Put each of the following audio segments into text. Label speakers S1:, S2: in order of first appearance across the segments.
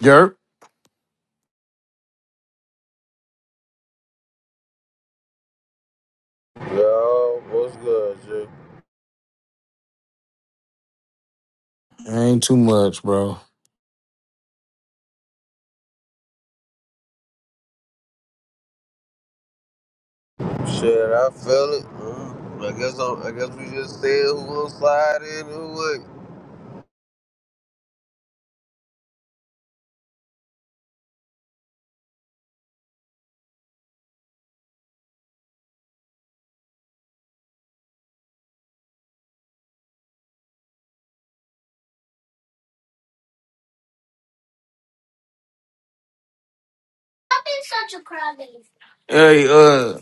S1: Jerk.
S2: Yo, what's good, G?
S1: Ain't too much, bro.
S2: Shit, I feel it. Mm. I guess I'm, I guess we just said who gonna slide in who would.
S1: Hey, uh,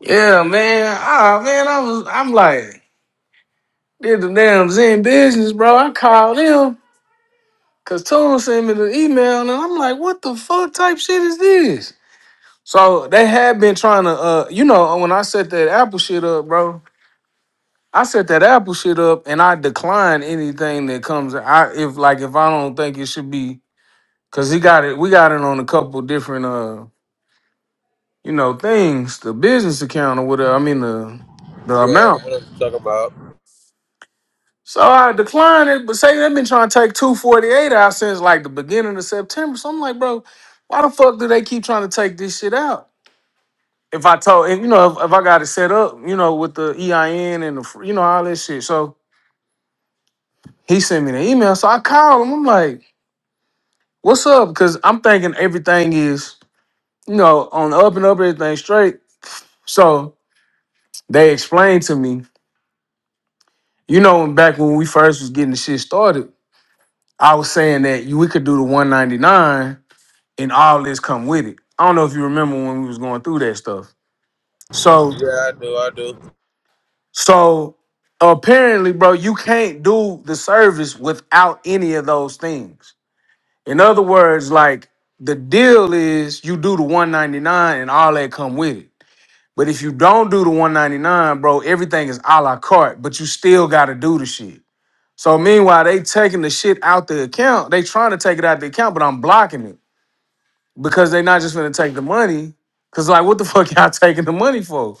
S1: yeah, man. Ah, man, I was, I'm like, did the damn Zen business, bro. I called him because Tone sent me the email, and I'm like, what the fuck type shit is this? So they had been trying to, uh, you know, when I set that Apple shit up, bro. I set that Apple shit up, and I decline anything that comes. I if like if I don't think it should be, cause he got it. We got it on a couple different. uh. you know, things, the business account or whatever. I mean the the
S2: Yeah, I
S1: amount.
S2: know what you're talking about.
S1: So I declined it, but say they've been trying to take two forty eight out since like the beginning of September. So I'm like, bro, why the fuck do they keep trying to take this shit out? If I told, and you know, if, if I got it set up, you know, with the EIN and the, fr- you know, all this shit. So he sent me the email. So I called him. I'm like, what's up? Because I'm thinking everything is, you know, on the up and up, everything straight. So they explained to me You know, when- back when we first was getting the shit started, I was saying that you, we could do the 199 and all this come with it. I don't know if you remember when we was going through that stuff. So,
S2: Yeah, I do, I do.
S1: so apparently, bro, you can't do the service without any of those things. In other words, like the deal is you do the 199 and all that come with it. But if you don't do the 199, bro, everything is a la carte, but you still gotta do the shit. So meanwhile, they taking the shit out the account. They trying to take it out the account, but I'm blocking it because they not just gonna take the money. Cause like, what the fuck y'all taking the money for?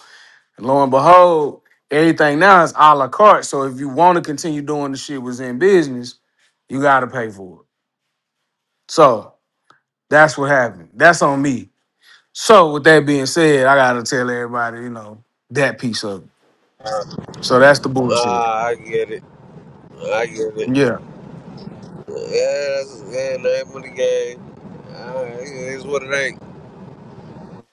S1: And lo and behold, everything now is a la carte. So if you want to continue doing the shit was in business, you gotta pay for it. So that's what happened. That's on me. So with that being said, I gotta tell everybody, you know, that piece of it.
S2: Uh,
S1: So that's the bullshit.
S2: Ah, I get it. I get it.
S1: Yeah.
S2: Yeah, that's yeah, name of the game. Uh, it is what it ain't.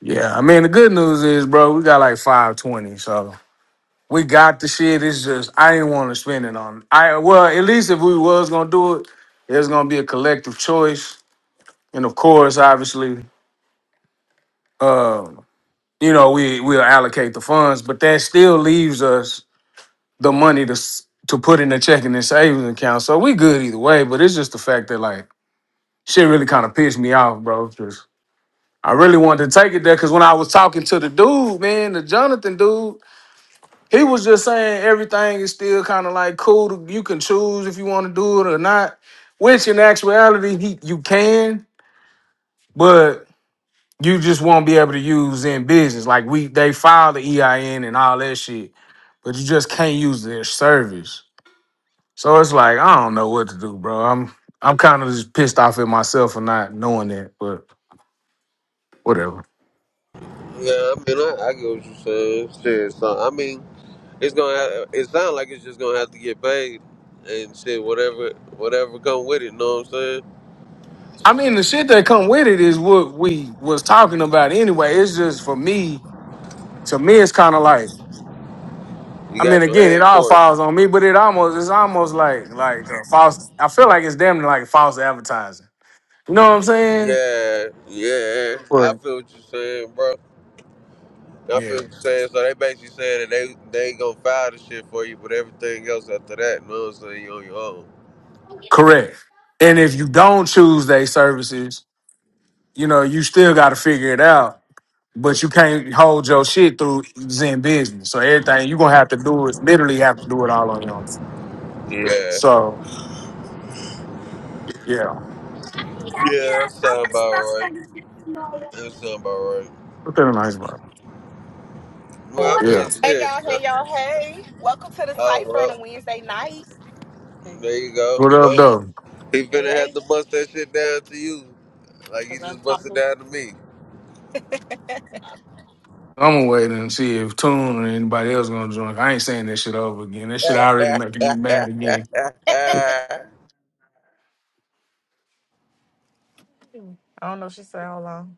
S1: Yeah. I mean, the good news is, bro, we got like 520. So. We got the shit. It's just I didn't want to spend it on. I well, at least if we was gonna do it, it's gonna be a collective choice, and of course, obviously, uh, you know, we we'll allocate the funds, but that still leaves us the money to s- to put in the checking and savings account. So we good either way. But it's just the fact that like shit really kind of pissed me off, bro. Just I really wanted to take it there because when I was talking to the dude, man, the Jonathan dude. He was just saying everything is still kind of like cool. To, you can choose if you want to do it or not, which in actuality he, you can, but you just won't be able to use in business. Like we, they file the EIN and all that shit, but you just can't use their service. So it's like I don't know what to do, bro. I'm I'm kind of just pissed off at myself for not knowing that, but whatever.
S2: Yeah, I mean, I, I get what you're saying. Shit, so I mean, it's gonna. Have, it sounds like it's just gonna have to get paid and shit. Whatever, whatever come with it. Know what I'm saying?
S1: I mean, the shit that come with it is what we was talking about anyway. It's just for me, to me, it's kind of like.
S2: You
S1: I mean,
S2: got your
S1: again, it
S2: hand
S1: all
S2: for it.
S1: falls on me, but it almost it's almost like like uh, false. I feel like it's damn near like false advertising. You know what I'm saying?
S2: Yeah, yeah, I
S1: Or
S2: feel what you're saying, bro. I feel
S1: yeah,
S2: what you're saying. So they basically saying that they they ain't gonna file the shit for you, but everything else after that, you know what I'm saying, you on your own.
S1: correct. And if you don't choose their services, you know you still got to figure it out. But you can't hold your shit through Zen business. So everything you gonna have to do is literally have to do it all on your own.
S2: Yeah,
S1: So yeah,
S2: yeah, that sound about right. That sound about right.
S1: put that in nice bro.
S2: Well,
S3: up.
S2: I mean,
S1: Yeah,
S3: Hey
S2: shit.
S3: y'all,
S2: Uh,
S3: hey y'all, hey. Welcome to the
S2: Oh,
S3: Cypher on a
S2: well,
S3: Wednesday night. Hey,
S2: there you go.
S1: what up
S2: Well,
S1: though?
S2: he finna have
S3: hey.
S2: to bust that shit down to you, like
S3: I
S2: he
S3: love
S2: just busted
S3: talking.
S2: down to me.
S1: I'm gonna wait and see if Tune or anybody else gonna join. I ain't saying that shit over again. That shit already
S2: sound
S1: making me mad again.
S3: I don't know, she said how long.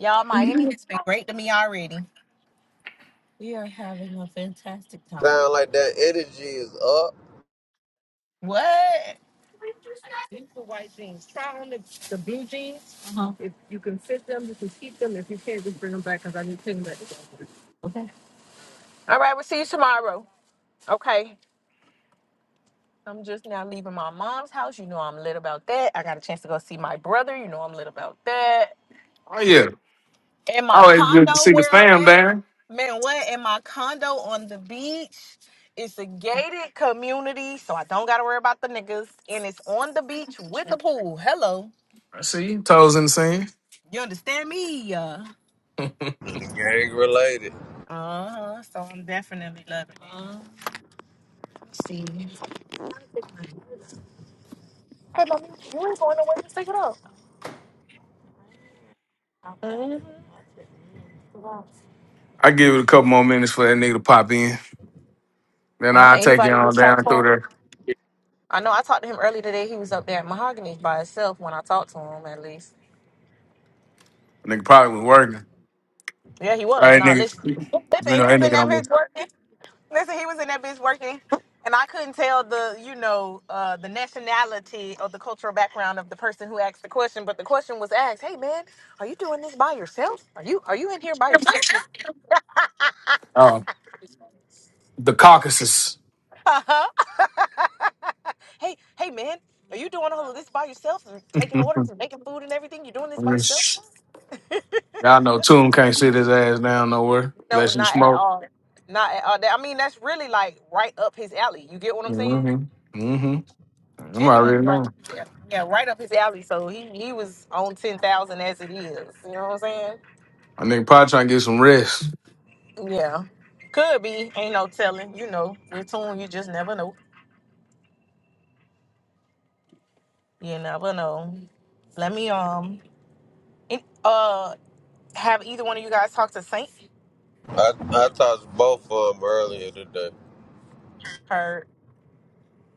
S3: Y'all, Miami has been great to me already.
S2: like that energy is up.
S3: What? All right, we'll see you tomorrow. Okay. I'm just now leaving my mom's house. You know I'm lit about that. I got a chance to go see my brother. You know I'm lit about that.
S1: Oh yeah,
S3: In my
S1: always good to
S3: condo
S1: see the
S3: where I'm
S1: fam
S3: at,
S1: back.
S3: Man, what in my condo on the beach? It's a gated community, so I don't gotta worry about the niggas. And it's on the beach with the pool. Hello.
S1: I see you. toes in the sand.
S3: You understand me? Uh
S2: Gang related.
S3: huh. So I'm definitely loving it. Uh, let's see. Hey, mommy, you ain't going nowhere. Just take it off. hmm
S1: I give it a couple more minutes for that nigga to pop in. Then
S3: Uh,
S1: I'll take you
S3: anybody
S1: all
S3: reached out
S1: down
S3: to
S1: through
S3: him?
S1: there.
S3: I know I talked to him earlier today. He was up there at Mahogany by himself when I talked to him, at least.
S1: Nigga probably was working.
S3: Yeah, he
S1: All
S3: was.
S1: right,
S3: Nah,
S1: nigga.
S3: listen.
S1: You
S3: Listen,
S1: know
S3: he
S1: that
S3: was
S1: nigga
S3: in that
S1: don't be.
S3: mid work. Listen, he was in that bitch working, and I couldn't tell the you know uh, the nationality or the cultural background of the person who asked the question. But the question was asked, "Hey man, are you doing this by yourself? Are you are you in here by yourself?"
S1: Oh, the Caucasus.
S3: Uh-huh. hey hey man, are you doing all of this by yourself and taking orders and making food and everything? You doing this by yourself?
S1: Y'all know Tune can't sit his ass down nowhere
S3: No,
S1: unless you
S3: not at
S1: smoke.
S3: all. Not at all. I mean, that's really like right up his alley. You get what I'm saying?
S1: Mm-hmm. Mm-hmm. I'm
S3: genuinely
S1: already
S3: right
S1: knowing.
S3: up his alley. Yeah, right up his alley. So he, he was on ten thousand as it is. You know what I'm saying?
S1: I nigga probably trying to get some rest.
S3: Yeah. Could be. Ain't no telling. You know. With tune, you just never know. You never know. Let me um in, uh have either one of you guys talk to Saint?
S2: I, I talked to both of them earlier today.
S3: Heard.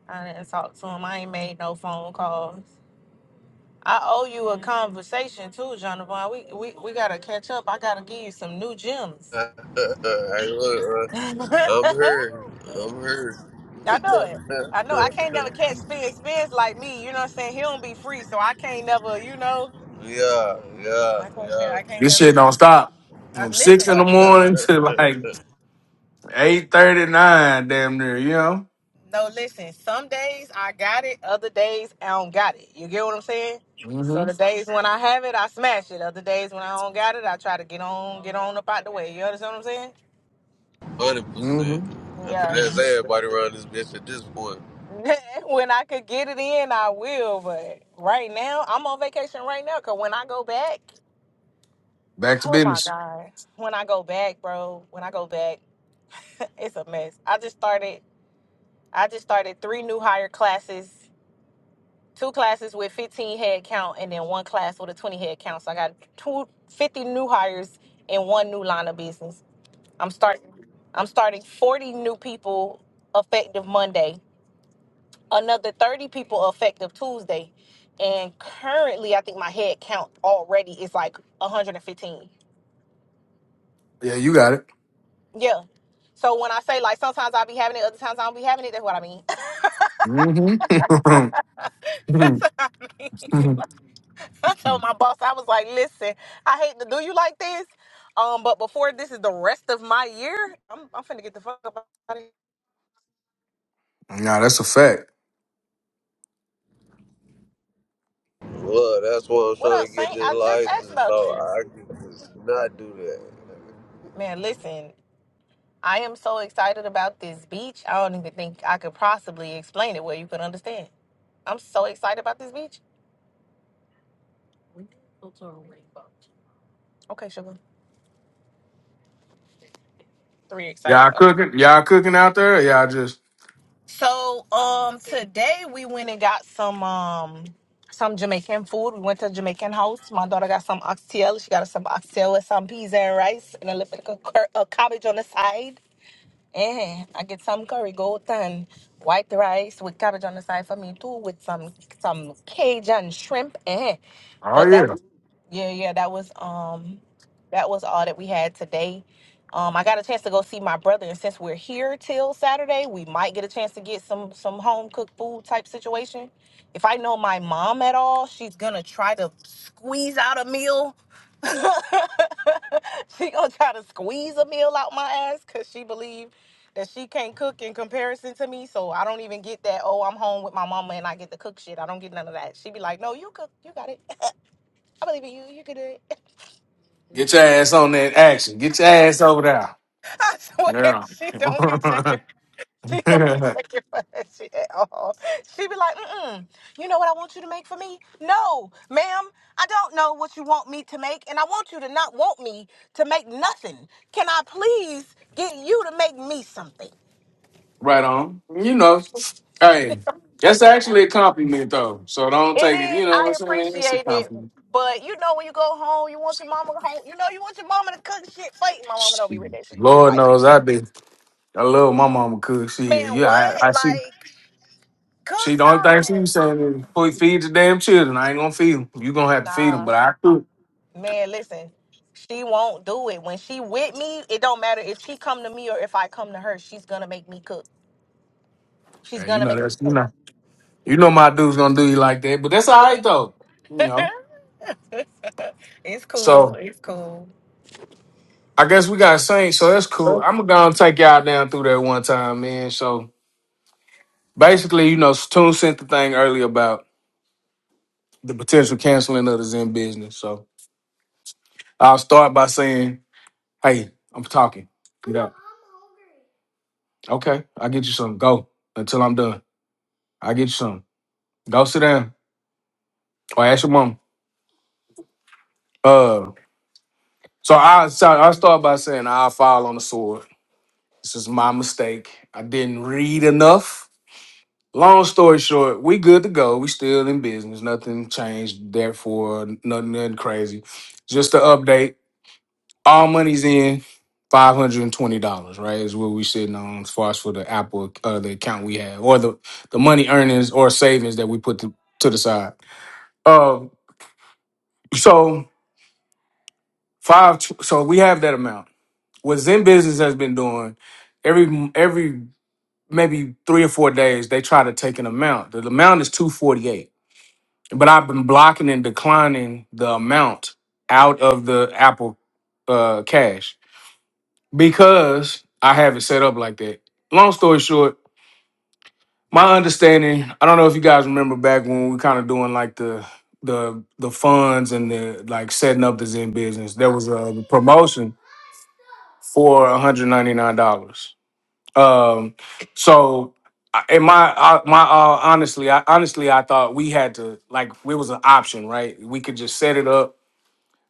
S3: I didn't talk to him. I ain't made no phone calls. I owe you a conversation too, Jonathan. We we we gotta catch up. I gotta give you some new gems.
S2: hey, look, uh, I'm here. I'm here.
S3: I know it. I know I can't never catch Spence. Spence like me, you know what I'm saying? He don't be free, so I can't never, you know.
S2: yeah, yeah,
S3: I can't,
S2: yeah.
S3: I can't
S1: This
S3: never
S1: shit don't
S3: catch.
S1: stop
S3: Uh,
S1: from six
S3: listen,
S1: in the morning to like eight thirty nine, damn near. You know.
S3: no, listen. Some days I got it, other days I don't got it. You get what I'm saying? So the
S1: Mm-hmm.
S3: days when I have it, I smash it. Other days when I don't got it, I try to get on, get on up out the way. You understand what I'm saying?
S2: Hundred percent.
S1: Mm-hmm.
S2: I think
S3: Yeah.
S2: that's everybody around this bitch at this point.
S3: when I could get it in, I will. But right now, I'm on vacation right now. Cause when I go back,
S1: Back to
S3: Oh my
S1: business.
S3: god. When I go back, bro, when I go back, it's a mess. I just started I just started three new hire classes, two classes with 15 head count and then one class with a 20 head count. So I got two fifty new hires and one new line of business. I'm starting I'm starting 40 new people effective Monday, another 30 people effective Tuesday. And currently, I think my head count already is like 115.
S1: Yeah, you got it.
S3: Yeah. So when I say like sometimes I'll be having it, other times I don't be having it, that's what I mean.
S1: Mm-hmm.
S3: that's what I mean. I told my boss, I was like, listen, I hate to do you like this. Um, but before this is the rest of my year, I'm I'm finna get the fuck up out of here.
S1: nah, that's a fact.
S2: Look, that's why I'm
S3: What
S2: trying
S3: up,
S2: to get
S3: Saint?
S2: this
S3: I just asked
S2: license,
S3: about
S2: so
S3: you.
S2: I can just not do
S3: Man, listen, I am so excited about this beach. I don't even think I could possibly explain it where you could understand. I'm so excited about this beach. Okay, sugar. Three
S1: Y'all
S3: excited.
S1: cooking? Y'all cooking out there? Y'all just
S3: So um today we went and got some um some Jamaican food. We went to Jamaican house. My daughter got some oxtail. She got some oxtail with some peas and rice and a little bit of cur- uh, cabbage on the side. Eh, I get some curry goat and white rice with cabbage on the side for me too with some some Cajun shrimp. Eh.
S1: oh
S3: But that
S1: yeah.
S3: was yeah, yeah, that was um that was all that we had today. Um I got a chance to go see my brother and since we're here till Saturday, we might get a chance to get some some home cooked food type situation. If I know my mom at all, she's gonna try to squeeze out a meal. she gonna try to squeeze a meal out my ass cause she believe that she can't cook in comparison to me. So I don't even get that, oh, I'm home with my mama and I get to cook shit. I don't get none of that. She be like, no, you cook, you got it. I believe in you. You can do it.
S1: Get your ass on that action. Get your ass over there.
S3: I swear,
S1: Yeah.
S3: she don't be checking. She don't be checking for that shit at all. She be like, mm-mm. You know what I want you to make for me? No, ma'am. I don't know what you want me to make, and I want you to not want me to make nothing. Can I please get you to make me something?
S1: right on. You know. Hey, that's actually a compliment though. So don't
S3: It
S1: take it. You
S3: is.
S1: know what
S3: I
S1: I'm saying? It's a
S3: appreciate it.
S1: compliment.
S3: But you know when you go home, you want your mama home. You know you want your mama to cook shit. Wait, my mama don't be with that shit. She be
S1: Lord
S3: like,
S1: knows I do. I love my mama cook. She,
S3: man,
S1: yeah,
S3: what?
S1: I, I see.
S3: Like,
S1: She
S3: cook
S1: the only thing she
S3: some.
S1: was saying is "Fe- feed the damn children. I ain't gonna feed them. You gonna have to feed
S3: Nah.
S1: them, but I cook.
S3: Man, listen, she won't do it. When she with me, it don't matter if she come to me or if I come to her, she's gonna make me cook. She's
S1: Yeah, you
S3: gonna
S1: know
S3: make me
S1: that's you
S3: cook.
S1: know you know my dude's gonna do you like that, but that's all right though. You know.
S3: it's cool.
S1: So
S3: It's cool.
S1: I guess we got saints, so that's cool. I'm gonna go and take y'all down through that one time, man. So basically, you know, Tune sent the thing earlier about the potential canceling of the Zen business. So I'll start by saying, hey, I'm talking. Get out." Okay, I'll get you some. Go until I'm done. I'll get you some. Go sit down or ask your mom. Uh, so I so I start by saying I fall on the sword. This is my mistake. I didn't read enough. Long story short, we good to go. We still in business. Nothing changed. Therefore, nothing, nothing crazy. Just to update, all money's in. Five hundred and twenty dollars, right, is what we sitting on as far as for the Apple, uh, the account we have, or the the money earnings or savings that we put to, to the side Um, so five. tw- So we have that amount. What Zen Business has been doing every every maybe three or four days, they try to take an amount. The amount is two forty eight, but I've been blocking and declining the amount out of the Apple uh, Cash because I have it set up like that. Long story short, my understanding. I don't know if you guys remember back when we kind of doing like the the the funds and the like setting up the Zen Business. There was a promotion for $199. Um, so in my uh, my uh, honestly, I honestly I thought we had to like it was an option, right? We could just set it up.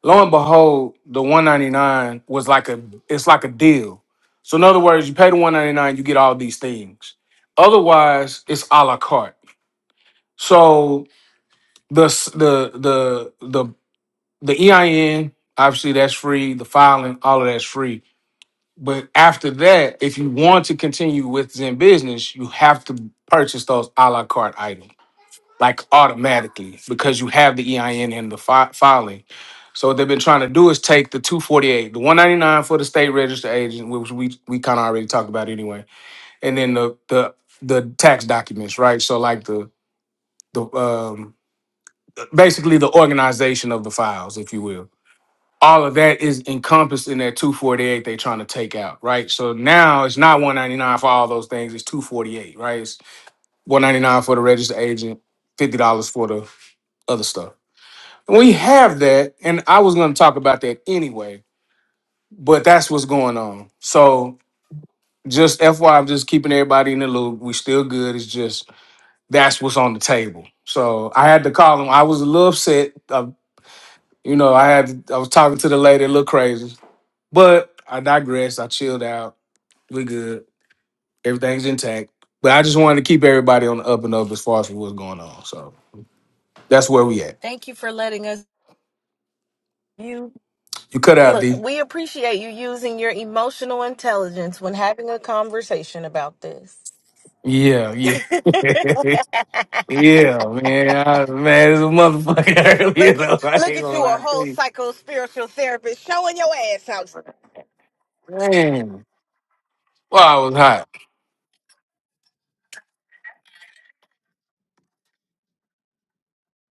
S1: Lo and behold, the 199 was like a it's like a deal. So in other words, you pay the 199, you get all these things. Otherwise, it's a la carte. So the s- the the the the EIN, obviously that's free, the filing, all of that's free But after that, if you want to continue with Zen business, you have to purchase those a la carte items like automatically because you have the EIN and the fi- filing. So what they've been trying to do is take the 248, the 199 for the state register agent, which we we kind of already talked about anyway, and then the the the tax documents, right? So like the the um basically the organization of the files, if you will all of that is encompassed in that 248 they're trying to take out, right? So now it's not 199 for all those things, it's 248, right? It's 199 for the registered agent, $50 for the other stuff. We have that, and I was gonna talk about that anyway, but that's what's going on. So just FY, I'm just keeping everybody in the loop. We still good. It's just that's what's on the table. So I had to call him. I was a little upset. I, you know, I had I was talking to the lady a little crazy. But I digress. I chilled out. We good. Everything's intact. But I just wanted to keep everybody on the up and up as far as what's going on. So that's where we at.
S3: Thank you for letting us you
S1: You cut out,
S3: look,
S1: D.
S3: we appreciate you using your emotional intelligence when having a conversation about this.
S1: Yeah, yeah. yeah, man. I was mad as a motherfucker earlier,
S3: Look at
S1: though. I
S3: look
S1: ain't
S3: at
S1: gonna
S3: you, a
S1: lie to
S3: whole
S1: you.
S3: psycho spiritual therapist showing your ass
S1: Man. Well, I was hot.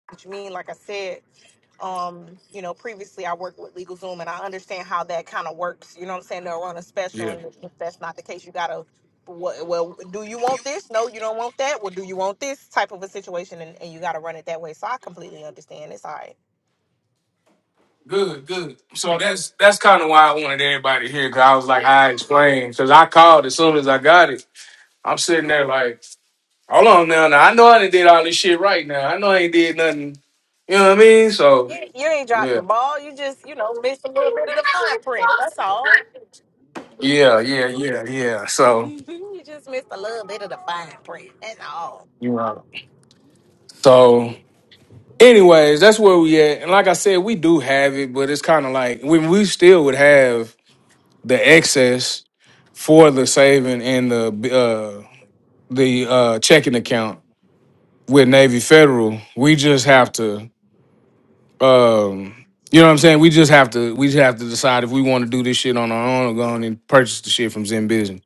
S3: what you mean. Like I said, um, you know, previously I worked with LegalZoom and I understand how that kind of works. You know what I'm saying? They'll run a special,
S1: Yeah.
S3: and if that's not the case, you gotta. Well, well, do you want this? No, you don't want that. Well, do you want this type of a situation? And, and you got to run it that way. So I completely understand. It's all right.
S1: Good, good. So that's that's kind of why I wanted everybody here, because I was like, I explained. Because I called as soon as I got it. I'm sitting there like, Hold on now. Now I know I didn't did all this shit right now. I know I ain't did nothing. You know what I mean? So
S3: You, you ain't dropped the
S1: yeah,
S3: ball. You just, you know, missed a little bit of the fine print. That's all.
S1: yeah, yeah, yeah, yeah. So
S3: you just missed a little bit of the fine print. That's all.
S1: you know. So anyways, that's where we at. And like I said, we do have it, but it's kind of like when we still would have the excess for the saving and the uh the uh checking account with Navy Federal. We just have to Um, you know what I'm saying? We just have to we just have to decide if we want to do this shit on our own or go on and purchase the shit from Zen Business.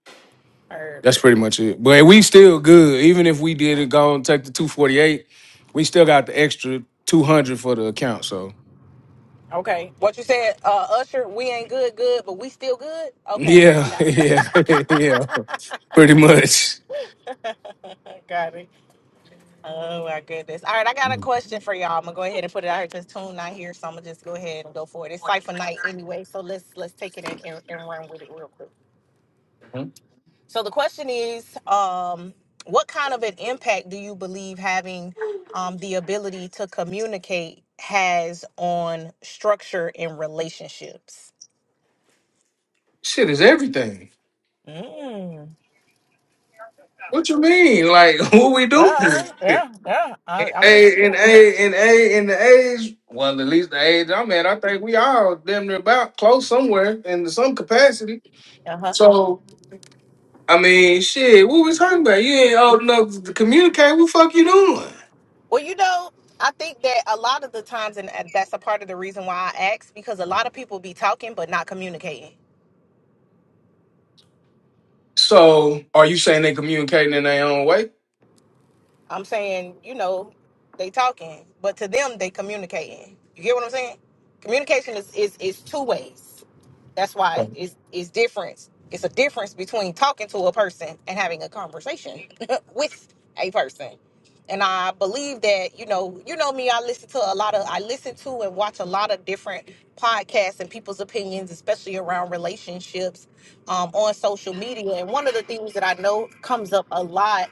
S3: Heard.
S1: That's pretty much it. But we still good. Even if we did it, go and take the 248, we still got the extra 200 for the account. So
S3: Okay. What you said, uh, Usher, we ain't good, good, but we still good? Okay.
S1: yeah, yeah, yeah. Pretty much.
S3: Got it. Oh my goodness. All right, I got a question for y'all. I'm gonna go ahead and put it out here since Tune not here, so I'm gonna just go ahead and go for it. It's cipher night anyway, so let's let's take it and, and, and run with it real quick. So the question is, um, what kind of an impact do you believe having um, the ability to communicate has on structure in relationships?
S1: Shit is everything.
S3: Mm.
S1: What you mean? Like what we doing?
S3: Yeah, yeah, yeah. I, I'm just,
S1: A and
S3: yeah.
S1: A and A and the age. Well, at least the age I'm at, I think we all damn near about close somewhere in some capacity.
S3: uh huh.
S1: So I mean, shit, what we talking about? You ain't old enough to communicate. What the fuck you doing?
S3: Well, you know, I think that a lot of the times, and that's a part of the reason why I ask, because a lot of people be talking but not communicating.
S1: So are you saying they communicating in their own way?
S3: I'm saying, you know, they talking, but to them they communicating. You get what I'm saying? Communication is is is two ways. That's why it's it's difference. It's a difference between talking to a person and having a conversation with a person. And I believe that, you know, you know me, I listen to a lot of I listen to and watch a lot of different podcasts and people's opinions, especially around relationships um, on social media. And one of the things that I know comes up a lot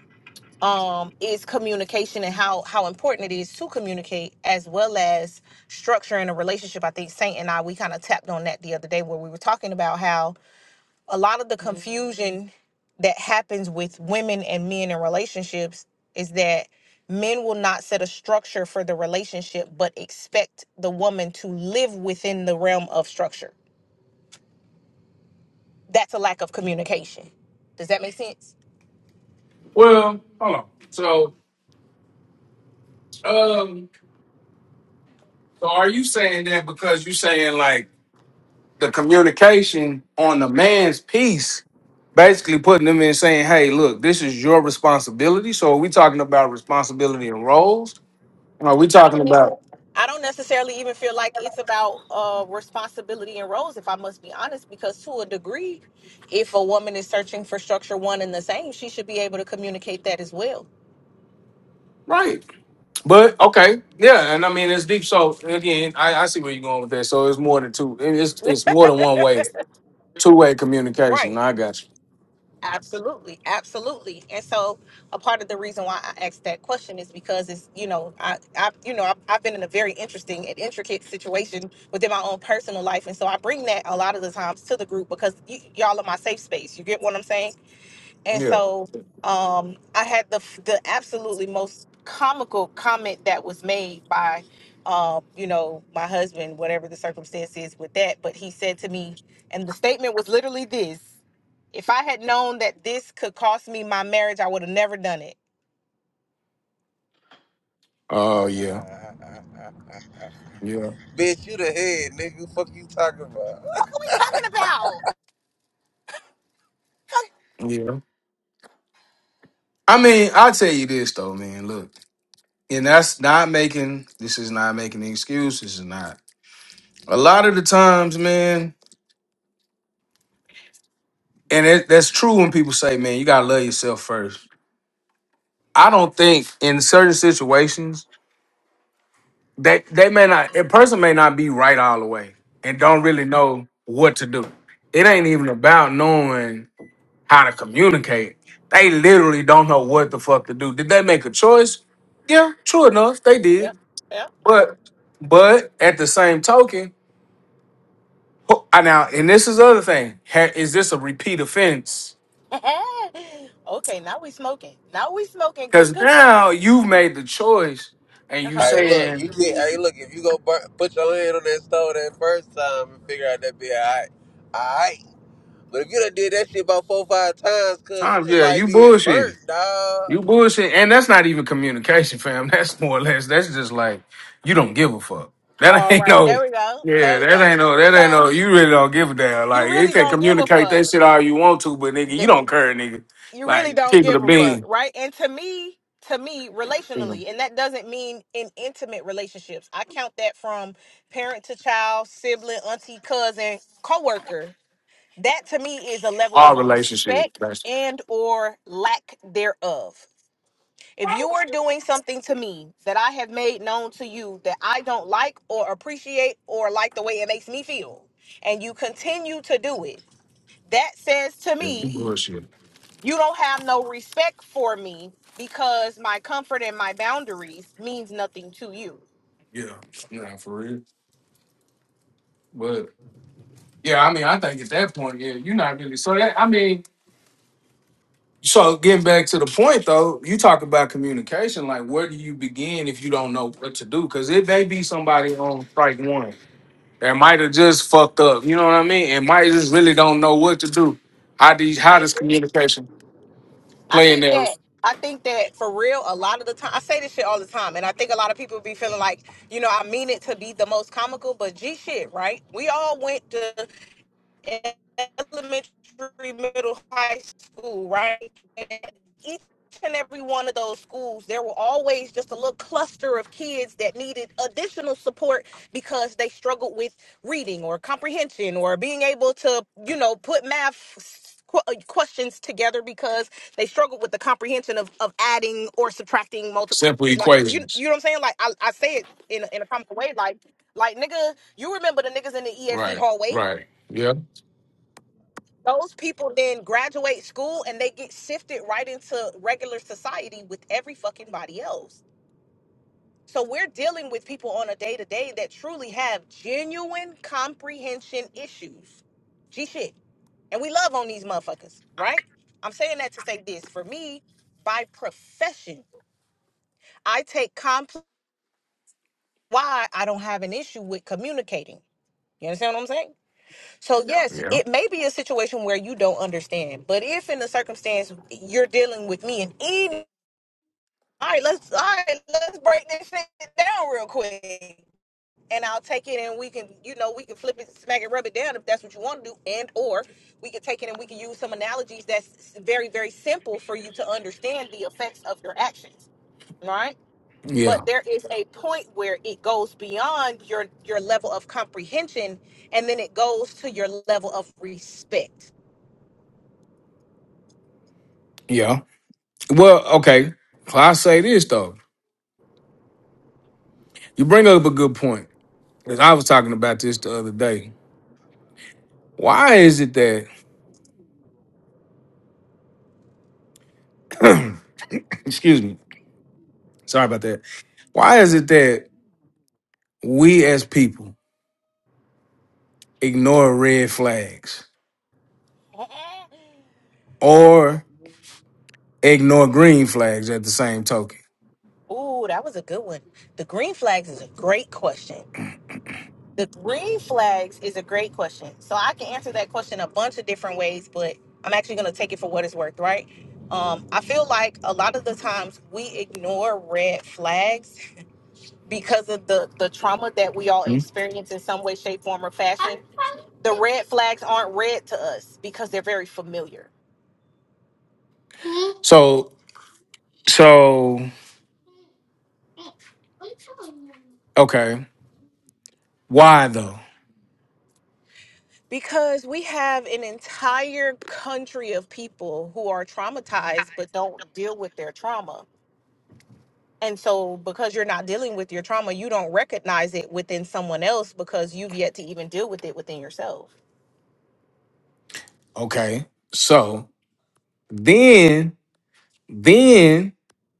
S3: um, is communication and how how important it is to communicate as well as structuring a relationship. I think Saint and I we kind of tapped on that the other day where we were talking about how a lot of the Mhm. confusion that happens with women and men in relationships is that men will not set a structure for the relationship but expect the woman to live within the realm of structure. That's a lack of communication. Does that make sense?
S1: Well, hold on. So um, so are you saying that because you saying like? the communication on the man's piece, basically putting them in saying, hey, look, this is your responsibility. So are we talking about responsibility and roles? are we talking about
S3: I don't necessarily even feel like it's about uh, responsibility and roles, if I must be honest, because to a degree, if a woman is searching for structure one and the same, she should be able to communicate that as well.
S1: right? But okay, yeah, and I mean it's deep. So again, I, I see where you're going with that. So it's more than two. it- It's it's more than one way, two way communication.
S3: Right.
S1: I got you.
S3: Absolutely, absolutely. And so, a part of the reason why I asked that question is because it's you know I I you know I've, I've been in a very interesting and intricate situation within my own personal life, and so I bring that a lot of the times to the group because y- y'all are my safe space. You get what I'm saying? And
S1: Yeah.
S3: so um, I had the the absolutely most comical comment that was made by, uh, you know, my husband, whatever the circumstance is with that. But he said to me, and the statement was literally this: "If I had known that this could cost me my marriage, I would have never done it."
S1: Oh yeah,
S2: that.
S1: yeah,
S2: bitch, you the head, nigga. Fuck you talking about?
S3: Fuck, are we talking about? Fuck.
S1: yeah. I mean, I tell you this though, man. Look, and that's not making. This is not making an excuse. This is not A lot of the times, man, and it, that's true when people say, man, you gotta love yourself first. I don't think in certain situations they they may not a person may not be right all the way and don't really know what to do. It ain't even about knowing how to communicate. They literally don't know what the fuck to do. Did they make a choice? Yeah, true enough, they did.
S3: Yep, yep,
S1: But but at the same token, who- I- now and this is the other thing. Ha- Is this a repeat offense?
S3: yep. okay, now we smoking. Now we smoking good,
S1: Cause
S3: good, good.
S1: now you've made the choice and
S3: Uh
S1: you
S3: huh.
S2: Hey, look,
S1: saying,
S2: you get. Hey, look, if you go bur- put your hand on that stove that first time and figure out that be alright, alright. But if you done did that shit about four, five times, cause you
S1: Tom,
S2: just
S1: yeah,
S2: like
S1: you
S2: being
S1: bullshitting.
S2: burnt, dog.
S1: You bullshit. And that's not even communication, fam. That's more or less, that's just like, you don't give a fuck. That
S3: All
S1: ain't
S3: right,
S1: no,
S3: there we go. There
S1: yeah,
S3: we
S1: that
S3: go.
S1: ain't no, that ain't
S3: So
S1: no, you really don't give a damn.
S3: you
S1: Like, you
S3: really
S1: can
S3: don't give a
S1: communicate that
S3: fuck.
S1: shit all you want to, but nigga, you don't care, nigga.
S3: you
S1: Like,
S3: really don't
S1: keep it a
S3: give a fuck,
S1: bean.
S3: right? And to me, to me,
S1: You know,
S3: relationally, and that doesn't mean in intimate relationships. I count that from parent to child, sibling, auntie, cousin, coworker. That to me is a level
S1: all
S3: of
S1: relationship.
S3: respect
S1: That's,
S3: and or lack thereof. If you are doing something to me that I have made known to you that I don't like or appreciate or like the way it makes me feel, and you continue to do it, that says to
S1: yeah,
S3: me
S1: you bullshit.
S3: you don't have no respect for me because my comfort and my boundaries means nothing to you.
S1: Yeah, nah, for real. But, yeah, I mean, I think at that point, yeah, you're not really, so that, I mean, So getting back to the point though, you talk about communication. Like, where do you begin if you don't know what to do? Because it may be somebody on strike one that might have just fucked up. You know what I mean? And might just really don't know what to do. How do you, how
S3: I
S1: does
S3: agree.
S1: communication
S3: I
S1: play in
S3: think
S1: their
S3: that I think that for real, a lot of the time I say this shit all the time, and I think a lot of people be feeling like, you know, I mean it to be the most comical, but G shit, right? We all went to elementary, middle, high school, right? And each and every one of those schools, there were always just a little cluster of kids that needed additional support because they struggled with reading or comprehension or being able to, you know, put math s- qu- uh, questions together because they struggled with the comprehension of, of adding or subtracting multiple
S1: simple
S3: like you you
S1: equations?
S3: know what I'm saying like I, I say it in a, in a comical way like like nigga you remember the niggas in the ESC
S1: Right,
S3: hallway
S1: right. Yeah.
S3: those people then graduate school and they get shifted right into regular society with every fucking body else. So we're dealing with people on a day to day that truly have genuine comprehension issues. G shit. And we love on these motherfuckers, right? I'm saying that to say this. For me, by profession, I take complex why I don't have an issue with communicating. You understand what I'm saying? So yes, it may be a situation where you don't understand, but if in the circumstance you're dealing with me and any, all right, let's all right, let's break this shit down real quick, and I'll take it and we can, you know, we can flip it, smack it, rub it down if that's what you want to do, and or we can take it and we can use some analogies that's very very simple for you to understand the effects of your actions, right?
S1: Yeah,
S3: but there is a point where it goes beyond your your level of comprehension and then it goes to your level of respect
S1: yeah. Well, okay. So I say this though. You bring up a good point. 'Cause I was talking about this the other day. Why is it that? excuse me. Sorry about that. Why is it that we as people ignore red flags or ignore green flags at the same token?
S3: Ooh, that was a good one. The green flags is a great question. The green flags is a great question. So I can answer that question a bunch of different ways, but I'm actually going to take it for what it's worth, right? Um, I feel like a lot of the times we ignore red flags because of the the trauma that we all
S1: Mhm.
S3: experience in some way, shape, form, or fashion. The red flags aren't red to us because they're very familiar.
S1: So, so okay, why though?
S3: Because we have an entire country of people who are traumatized but don't deal with their trauma And so, because you're not dealing with your trauma, you don't recognize it within someone else because you've yet to even deal with it within yourself.
S1: Okay, so then, then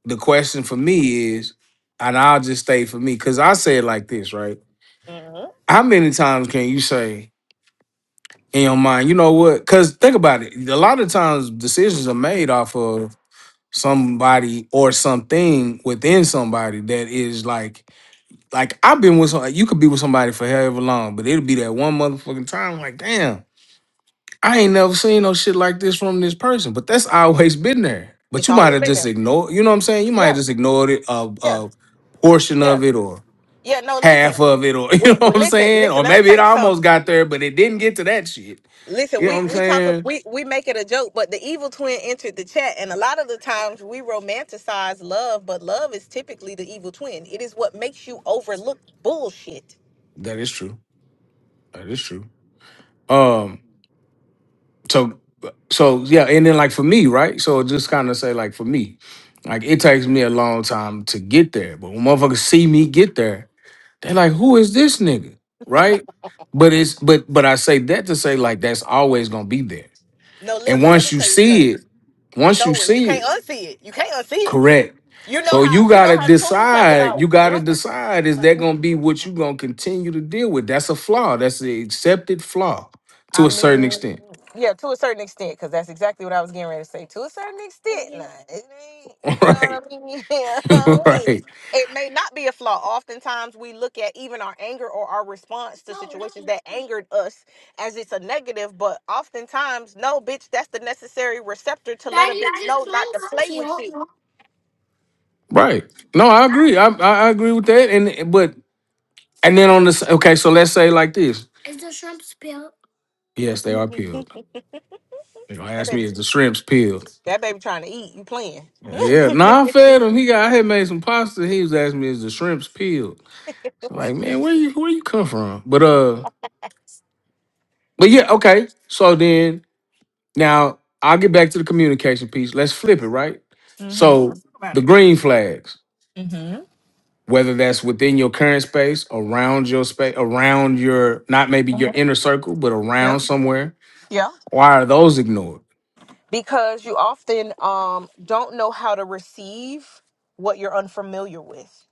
S1: the question for me is, and I'll just stay for me because I say it like this, right?
S3: hmm
S1: How many times can you say in your mind, you know what? Because think about it. A lot of times decisions are made off of somebody or something within somebody that is like like I've been with some you could be with somebody for however long, but it'll be that one motherfucking time like, damn, I ain't never seen no shit like this from this person. But that's always been there. But
S3: It's
S1: you might
S3: always
S1: have
S3: been
S1: just
S3: there.
S1: ignored, you know what I'm saying? You might
S3: Yeah,
S1: have just ignored it a,
S3: yeah,
S1: a portion
S3: yeah,
S1: of it or
S3: yeah. No,
S1: half
S3: listen.
S1: of it or you
S3: When,
S1: know what
S3: when
S1: I'm
S3: listen,
S1: saying?
S3: listen.
S1: Or
S3: Let me
S1: maybe it
S3: tell you
S1: almost
S3: something.
S1: got there, but it didn't get to that shit.
S3: Listen,
S1: You know what
S3: we
S1: I'm
S3: we talk,
S1: saying?
S3: we we make it a joke, but the evil twin entered the chat, and a lot of the times we romanticize love, but love is typically the evil twin. It is what makes you overlook bullshit.
S1: That is true. That is true. Um so so yeah and then like for me right so just kind of say like for me like it takes me a long time to get there but when motherfuckers see me get there they're like who is this nigga right but it's but but i say that to say like that's always gonna be there
S3: No,
S1: and
S3: listen. Let
S1: once
S3: me
S1: you
S3: tell you something.
S1: see it
S3: It's
S1: once you
S3: over. You
S1: see
S3: can't
S1: it
S3: unsee it. You can't unsee it
S1: correct
S3: You know
S1: so
S3: how
S1: you
S3: you know
S1: gotta
S3: how Toon talk
S1: decide you
S3: about.
S1: gotta
S3: Yeah.
S1: decide is that gonna be what you gonna continue to deal with that's a flaw that's an accepted flaw to
S3: I
S1: a certain
S3: mean,
S1: extent
S3: yeah, to a certain extent, because that's exactly what I was getting ready to say. To a certain extent, nah, it ain't. You know
S1: right
S3: what I mean? Yeah, I mean,
S1: right
S3: it may not be a flaw. Oftentimes, we look at even our anger or our response to situations that angered us as it's a negative. But oftentimes, no, bitch, that's the necessary receptor to let a bitch know not to play with you.
S1: Right. No, I agree. I, I I agree with that. And but and then on this, okay. So let's say like this. Yes, they are peeled. You know,
S3: That
S1: ask me
S3: baby,
S1: is the shrimps peeled?
S3: that baby trying to eat. You playing?
S1: Yeah. nah. I fed him. He got. I had made some pasta. He was asking me is the shrimps peeled? So like, man, where you where you come from? But uh, but yeah, okay. So then now I'll get back to the communication piece. Let's flip it, right?
S3: Mm-hmm.
S1: So
S3: Let's talk about
S1: the
S3: it.
S1: green flags.
S3: Mm-hmm.
S1: whether that's within your current space, around your space, around your not maybe your inner circle, but
S3: Yeah.
S1: around somewhere.
S3: Yeah.
S1: Why are those ignored?
S3: because you often um don't know how to receive what you're unfamiliar with.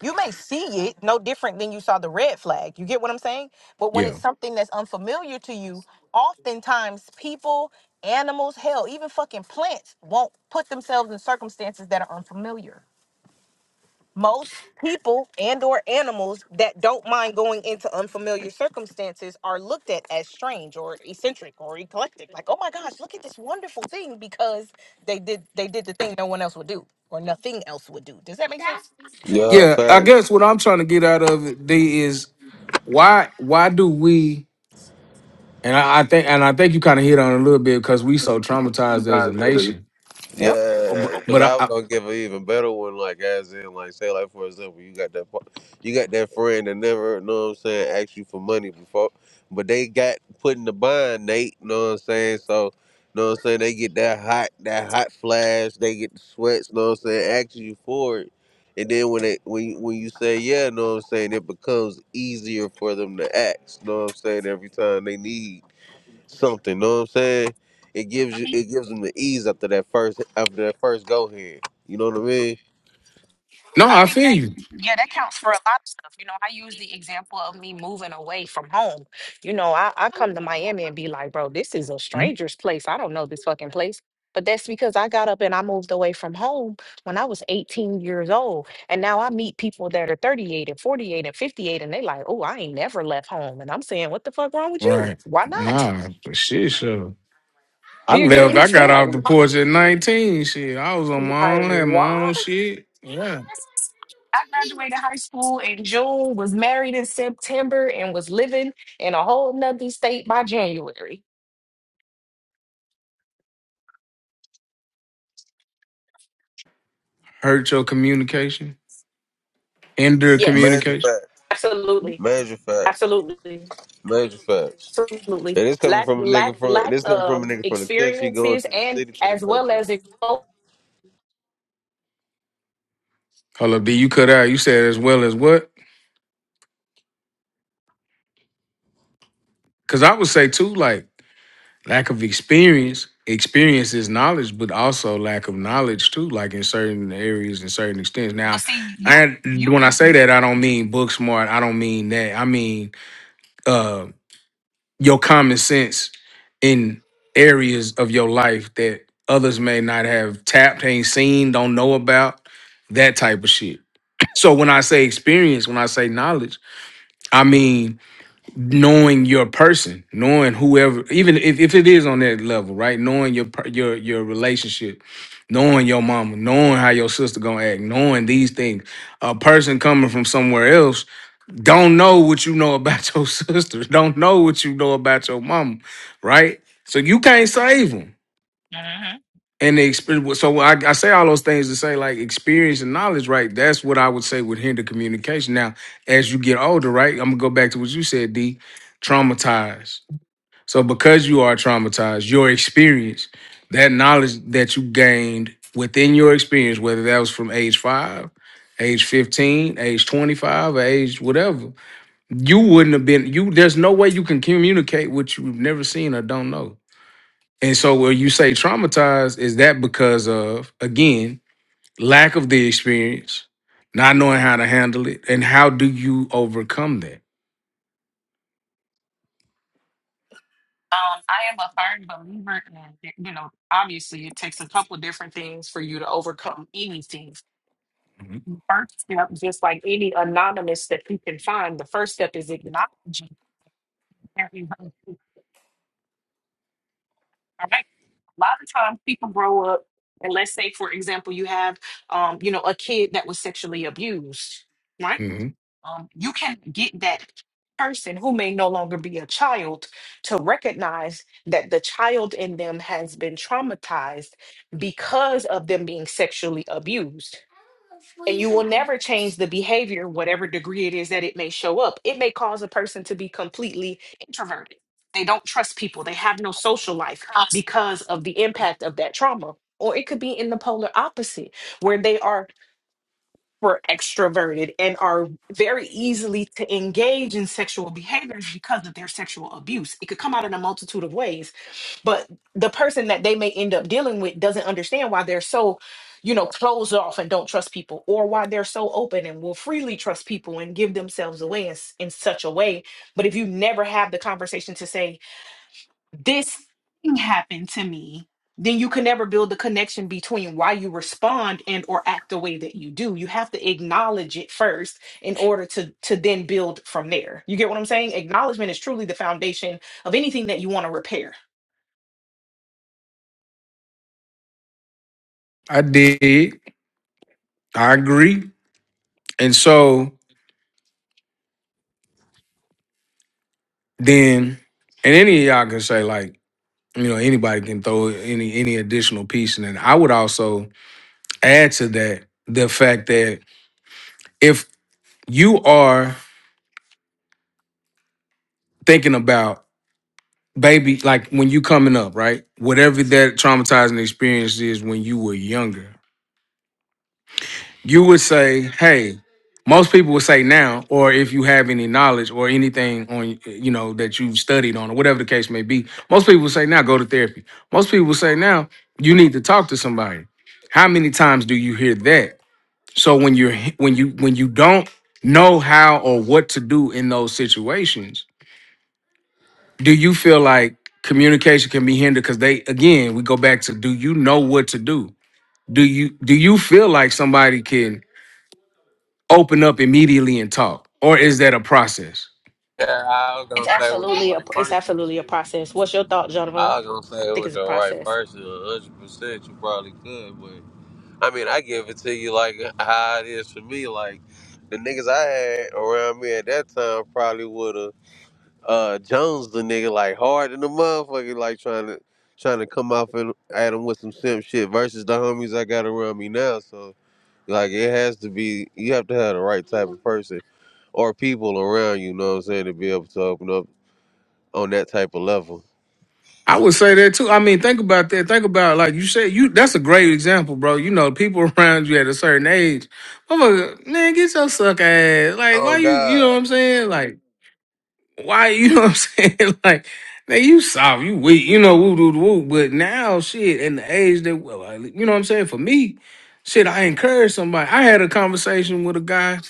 S3: You may see it no different than you saw the red flag. You get what I'm saying? But when it's
S1: Yeah.
S3: something that's unfamiliar to you, oftentimes people, animals, hell, even fucking plants won't put themselves in circumstances that are unfamiliar. most people and or animals that don't mind going into unfamiliar circumstances are looked at as strange or eccentric or eclectic like oh my gosh look at this wonderful thing because they did they did the thing no one else would do or nothing else would do does that make sense
S2: Yeah,
S1: Yeah, I
S2: facts.
S1: guess what I'm trying to get out of it D is why why do we and I, I think and I think you kind of hit on it a little bit because we so traumatized as a
S3: Sometimes there's a
S1: nation.
S3: yep
S1: Oh,
S2: Yeah,
S1: But
S2: because
S1: but I,
S2: I was
S1: I
S2: gonna give an even better one, like as in, like say, like for example, you got that, fu- you got that friend that never, know what I'm saying, asked you for money before, but they got put in the bind, Nate. Know what I'm saying? So, know what I'm saying? They get that hot, that hot flash. They get the sweats. Know what I'm saying? Asking you for it, and then when it, when you, when you say yeah, know what I'm saying, it becomes easier for them to ask. Know what I'm saying? Every time they need something. Know what I'm saying? It gives you, it gives them the ease after that first, after that first go here. You know what I mean?
S1: no,
S3: I
S1: I
S3: think
S1: feel
S3: that
S1: you.
S3: yeah, that counts for a lot of stuff. You know, I use the example of me moving away from home. You know, I, I come to Miami and be like, bro, this is a
S1: Hmm?
S3: stranger's place. I don't know this fucking place. But that's because I got up and I moved away from home when I was 18 years old. And now I meet people that are 38 and 48 and 58, and they like, oh, I ain't never left home. And I'm saying, what the fuck wrong with you?
S1: Right.
S3: Why not?
S1: Nah, but shit, sure. I
S3: You get
S1: left.
S3: what I'm
S1: I
S3: saying?
S1: got
S3: Like,
S1: off the
S3: why?
S1: porch at 19. Shit, I was on my
S3: Like,
S1: own, had
S3: why?
S1: my own shit. Yeah.
S3: I graduated high school in June, was married in September, and was living in a whole nother state by January.
S1: Hurt your communication, hinder
S3: Yes,
S2: Major
S1: communication.
S2: facts,
S3: absolutely.
S2: major facts,
S3: Absolutely.
S2: major facts.
S3: Absolutely.
S2: And it's coming
S3: Lack
S2: from a
S3: lack
S2: nigga from,
S3: lack
S2: this coming from a
S3: of
S2: nigga from the country going
S3: experiences
S2: to the
S3: and
S2: city to the
S3: as well
S2: country.
S3: as it well,
S1: Hold up, D, you cut out. You said as well as what? Because I would say too, like lack of experience. Experience is knowledge, but also lack of knowledge too, like in certain areas and certain extents.
S3: but
S1: Now,
S3: see you
S1: I
S3: you
S1: when
S3: c-
S1: I say that, I don't mean book smart. I don't mean that. I mean uh your common sense in areas of your life that others may not have tapped, ain't seen, don't know about. That type of shit. So when I say experience, when I say knowledge, I mean knowing your person, knowing whoever, even if, if it is on that level, right? Knowing your per- your your relationship, knowing your mama, knowing how your sister gonna act, knowing these things. A person coming from somewhere else don't know what you know about your sister, don't know what you know about your mama, right? So you can't save them and the experience. So I, I say all those things to say like experience and knowledge, right? That's what I would say would hinder communication. Now, as you get older, right? I'm gonna go back to what you said, D. Traumatized. So because you are traumatized, your experience, that knowledge that you gained within your experience, whether that was from age five, age 15, age 25, or age whatever, you wouldn't have been you. There's no way you can communicate what you've never seen or don't know. And so where you say traumatized, is that because of, again, lack of the experience, not knowing how to handle it, and how do you overcome that?
S3: um I am a firm believer in you know, obviously it takes a couple different things for you to overcome anything. First step, just like any anonymous that you can find, the first step is acknowledging All right. A lot of times people grow up, and let's say, for example, you have, um, you know, a kid that was sexually abused, right?
S1: hmm
S3: Um, you can get that person who may no longer be a child to recognize that the child in them has been traumatized because of them being sexually abused and you will never change the behavior whatever degree it is that it may show up it may cause a person to be completely introverted they don't trust people they have no social life because of the impact of that trauma or it could be in the polar opposite where they are super extroverted and are very easily to engage in sexual behaviors because of their sexual abuse. It could come out in a multitude of ways, but the person that they may end up dealing with doesn't understand why they're so, you know, closed off and don't trust people, or why they're so open and will freely trust people and give themselves away in, s- in such a way. But if you never have the conversation to say, this thing happened to me then you can never build the connection between why you respond and or act the way that you do you have to acknowledge it first in order to to then build from there you get what i'm saying acknowledgement is truly the foundation of anything that you want to repair
S1: I did. I agree. And so then, and any of y'all can say like, you know, anybody can throw any any additional piece, and then I would also add to that the fact that if you are thinking about baby, like when you coming up, right? Whatever that traumatizing experience is when you were younger, you would say, hey, most people would say now, or if you have any knowledge or anything on, you know, that you've studied on or whatever the case may be, most people would say now, go to therapy. Most people would say now, you need to talk to somebody. How many times do you hear that? So when you're when you when you don't know how or what to do in those situations, do you feel like communication can be hindered because they again we go back to do you know what to do do you do you feel like somebody can open up immediately and talk or is that a process
S2: Yeah, I was
S3: It's
S2: gonna say with the
S3: absolutely a
S2: right
S3: it's
S2: person.
S3: absolutely a process. What's your thought, Jonathan?
S2: I was gonna
S3: I
S2: say
S3: think
S2: with
S3: it's a
S2: the right
S3: process.
S2: person, a hundred percent. You probably could, but I mean, I give it to you like how it is for me. Like the niggas I had around me at that time probably would have. uh Jones the nigga like hard in the motherfucker like trying to trying to come off at, at him with some simp shit versus the homies I got around me now. So like it has to be you have to have the right type of person or people around you, know what I'm saying, to be able to open up on that type of level.
S1: i would say that too i mean think about that think about like you said you that's a great example bro you know people around you at a certain age motherfucker, man get your suck ass like why
S2: Oh
S1: you you know
S2: God.
S1: what i'm saying like why you know what I'm saying? Like, man, you soft, you weak, you know, woo woo, woo. But now, shit, in the age that, well, I- you know what I'm saying? For me, shit, I encourage somebody. I had a conversation with a guy.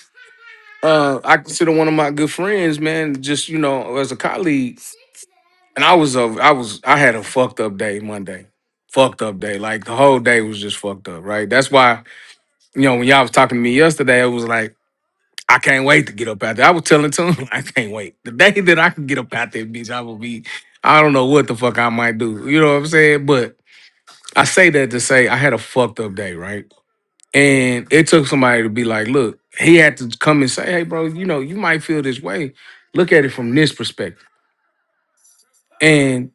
S1: Uh, I consider one of my good friends, man. Just you know, as a colleague, and I was a, I was, I had a fucked up day Monday. Fucked up day, like the whole day was just fucked up, right? That's why you know when y'all was talking to me yesterday, it was like I can't wait to get up out there. I was telling Tune, I can't wait. The day that I can get up out there, bitch, I will be, I don't know what the fuck I might do. You know what I'm saying? But I say that to say I had a fucked up day, right? And it took somebody to be like, look, he had to come and say, hey, bro, you know, you might feel this way. Look at it from this perspective. And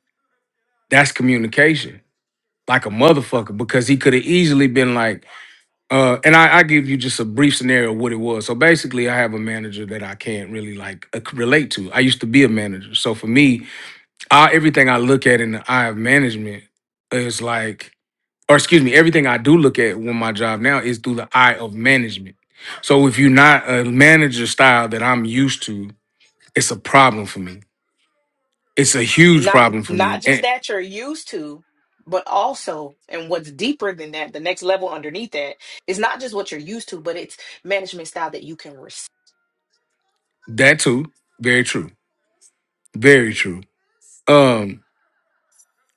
S1: that's communication like a motherfucker because he could have easily been like, Uh, and I, I give you just a brief scenario of what it was. So basically, I have a manager that I can't really like uh, relate to. I used to be a manager, so for me, I, everything I look at in the eye of management is like, or excuse me, everything I do look at with my job now is through the eye of management. So if you're not a manager style that I'm used to, it's a problem for me. It's a huge
S3: not
S1: problem for
S3: not
S1: me,
S3: just
S1: and
S3: that you're used to but also and what's deeper than that the next level underneath that is not just what you're used to but it's management style that you can
S1: that too, very true, very true. Um,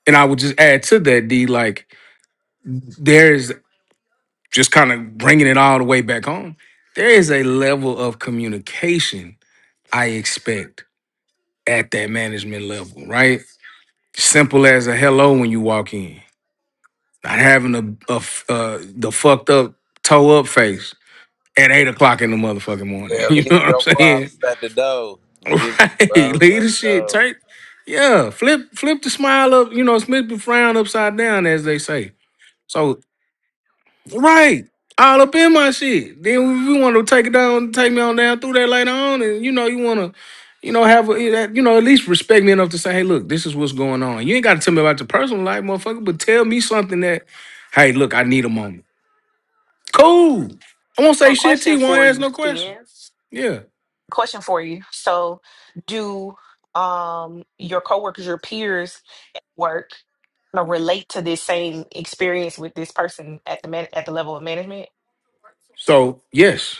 S1: and I would just add to that, D, like there's just kind of bringing it all the way back home, there is a level of communication I expect at that management level, right? Simple as a hello when you walk in, not having a, a f- uh, the fucked up toe up face at eight o'clock in the motherfucking morning.
S2: Yeah,
S1: You know
S2: leave
S1: what I'm
S2: your
S1: saying?
S2: problems at the door. Leave your
S1: Right?
S2: problems at the
S1: Leadership,
S2: door.
S1: take yeah, flip flip the smile up. You know, flip the frown upside down, as they say. So Right. All up in my shit. Then we, want to take it down, take me on down through that later on, and you know you want to, you know have a, eh, that- you know at least respect me enough to say, hey, look, this is what's going on. You ain't got to tell me about your personal life, motherfucker, but tell me something that, hey, look, I need a moment. Cool. I won't say
S3: But
S1: shit to
S3: question
S1: you. Won't
S3: for
S1: ask
S3: you,
S1: no question.
S3: Spence.
S1: Yeah.
S3: Question for you. So, do um your coworkers, your peers, work you know, relate to this same experience with this person at the man- at the level of management?
S1: So yes,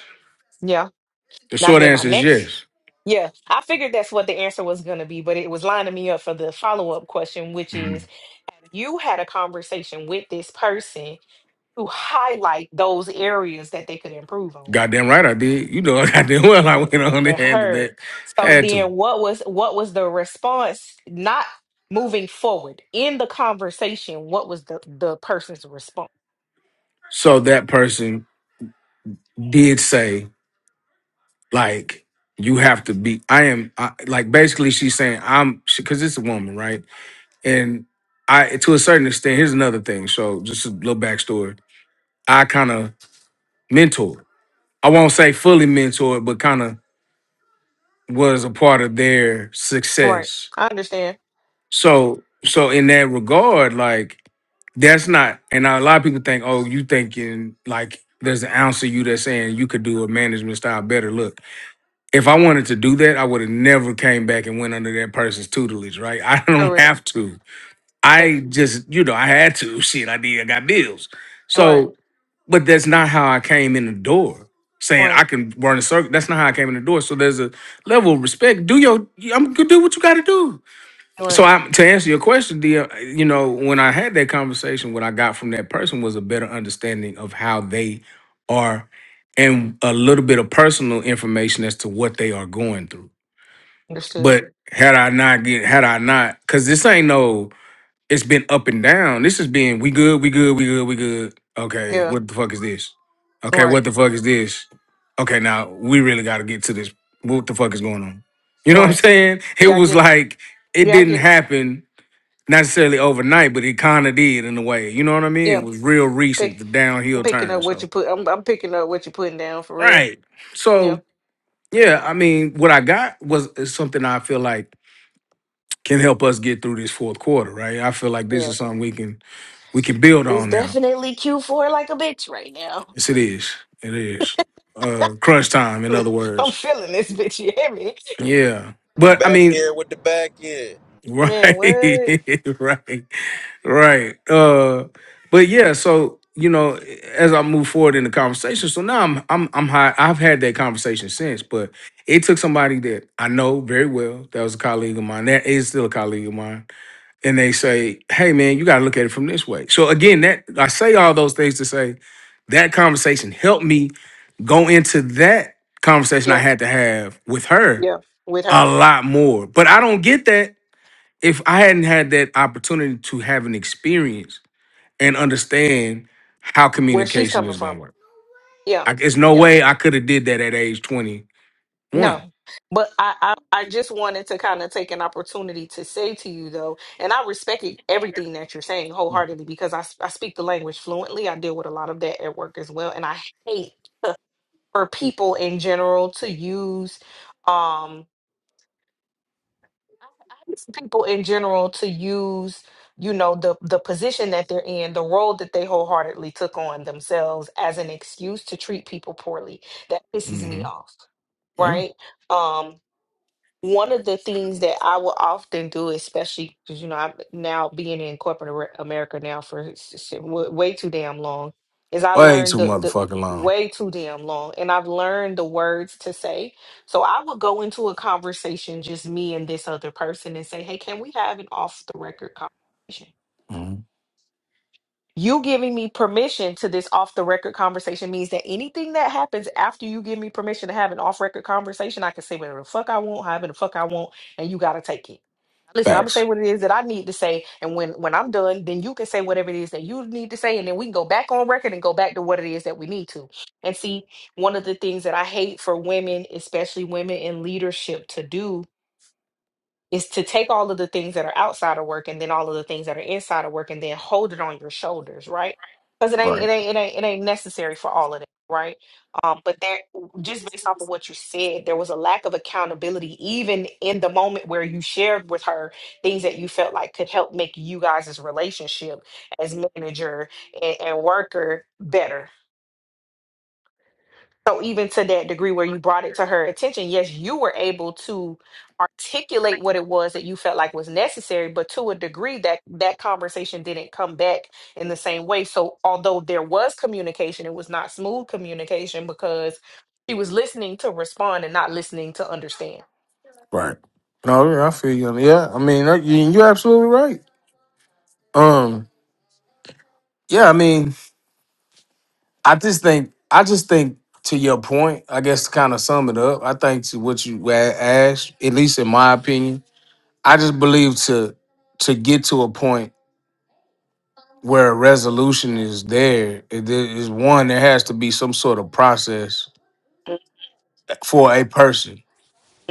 S3: Yeah.
S1: the
S3: Now
S1: short
S3: then, my
S1: answer is
S3: next.
S1: yes.
S3: Yeah, I figured that's what the answer was going to be, but it was lining me up for the follow up question, which is, have you had a conversation with this person to highlight those areas that they could improve on?
S1: Goddamn right, I did. You know, goddamn well I went on and
S3: It
S1: handled that.
S3: hurt. So
S1: Had to.
S3: then what was what was the response? Not moving forward in the conversation, what was the the person's response?
S1: So that person did say. Like you have to be. I am I, like basically she's saying I'm because it's a woman, right? And I to a certain extent. Here's another thing. So just a little backstory. I kind of mentored. I won't say fully mentored, but kind of was a part of their
S3: Right.
S1: success.
S3: I understand.
S1: So so in that regard, like that's not and a lot of people think oh you thinking like there's an ounce of you that's saying you could do a management style better look if I wanted to do that, I would have never came back and went under that person's tutelage, right? I don't
S3: Correct.
S1: have to.
S3: Right.
S1: I just, you know, I had to. Shit, I did. I got bills.
S3: Right.
S1: So, but that's not how I came in the door. Saying
S3: Right.
S1: I can run a circle. That's not how I came in the door. So there's a level of respect. Do your. I'm gonna do what you got to do. So
S3: Right.
S1: I, to answer your question, dear, you know, when I had that conversation, what I got from that person was a better understanding of how they are, and a little bit of personal information as to what they are going through.
S3: Understood.
S1: But had I not get, had I not, because this ain't no, it's been up and down. This has been we good, we good, we good, we good. Okay,
S3: Yeah.
S1: what the fuck is this? Okay,
S3: Right.
S1: what the fuck is this? Okay, now we really got to get to this. What the fuck is going on? You know what I'm
S3: Right.
S1: saying? It
S3: Yeah, I
S1: was
S3: get it.
S1: like it
S3: Yeah, I
S1: didn't
S3: get it.
S1: happen necessarily overnight, but it kind of did in a way. You know what I mean? It
S3: Yeah.
S1: was real
S3: Pick
S1: recent, the
S3: I'm
S1: downhill
S3: picking
S1: turn.
S3: up what
S1: So
S3: you put I'm I'm picking up what you're putting down for real.
S1: right.
S3: Yeah.
S1: So yeah, I mean, what I got was is something I feel like can help us get through this fourth quarter. Right. I feel like this
S3: Yeah.
S1: is something we can we can build
S3: It's
S1: on now.
S3: definitely Q4 like a bitch right now.
S1: Yes, it is. It is. Uh, crunch time, in other
S3: I'm
S1: words.
S3: feeling this bitch. You hear me?
S1: Yeah. But I
S2: Back
S1: mean,
S2: end with the back end.
S3: Man,
S1: right,
S3: what?
S1: right. Right. Uh but yeah, so you know, as I move forward in the conversation, so now I'm I'm I'm high. I've had that conversation since, but it took somebody that I know very well, that was a colleague of mine, that is still a colleague of mine, and they say, Hey man, you gotta look at it from this way. So again, that I say all those things to say that conversation helped me go into that conversation I
S3: Yeah,
S1: had to have with her
S3: yeah, with
S1: a
S3: her,
S1: lot more. But I don't get that if I hadn't had that opportunity to have an experience and understand how
S3: where she's
S1: communication
S3: coming
S1: is
S3: from.
S1: gonna work.
S3: Yeah,
S1: I, it's no
S3: yeah,
S1: way I could have did that at age twenty one.
S3: no. But I, I, I just wanted to kind of take an opportunity to say to you, though, and I respect it- everything that you're saying wholeheartedly because I, s- I speak the language fluently. I deal with a lot of that at work as well. And I hate for people in general to use. um it's people in general to use you know the the position that they're in the role that they wholeheartedly took on themselves as an excuse to treat people poorly that pisses me
S1: hmm
S3: off
S1: Yeah.
S3: right um one of the things that I will often do, especially because you know I'm now being in corporate Amer- America now for s- s- w- way too damn long, is I
S1: Way
S3: learned
S1: too
S3: the the
S1: motherfucking long.
S3: way too damn long, and I've learned the words to say. So I would go into a conversation, just me and this other person, and say, "Hey, can we have an off the record conversation?"
S1: hmm
S3: You giving me permission to this off the record conversation means that anything that happens after you give me permission to have an off record conversation, I can say whatever the fuck I want, however the fuck I want, and you gotta take it. Listen, I'm gonna say
S1: Facts.
S3: what it is that I need to say, and when when I'm done, then you can say whatever it is that you need to say, and then we can go back on record and go back to what it is that we need to. And see, one of the things that I hate for women, especially women in leadership, to do is to take all of the things that are outside of work and then all of the things that are inside of work and then hold it on your shoulders, right? Because it ain't
S1: Right.
S3: it ain't it ain't it ain't necessary for all of it, right? Um, but there just based off of what you said, there was a lack of accountability even in the moment where you shared with her things that you felt like could help make you guys' relationship as manager and, and worker better so even to that degree where you brought it to her attention, yes, you were able to articulate what it was that you felt like was necessary, but to a degree that that conversation didn't come back in the same way. So although there was communication, it was not smooth communication because she was listening to respond and not listening to understand.
S1: Right. No, yeah, I feel you. Yeah, I mean, uh, you- you're absolutely right. Um, yeah, I mean, I just think, I just think to your point, I guess to kind of sum it up, I think to what you a- asked, at least in my opinion, I just believe to to get to a point where a resolution is there, it is one, there has to be some sort of process for a person.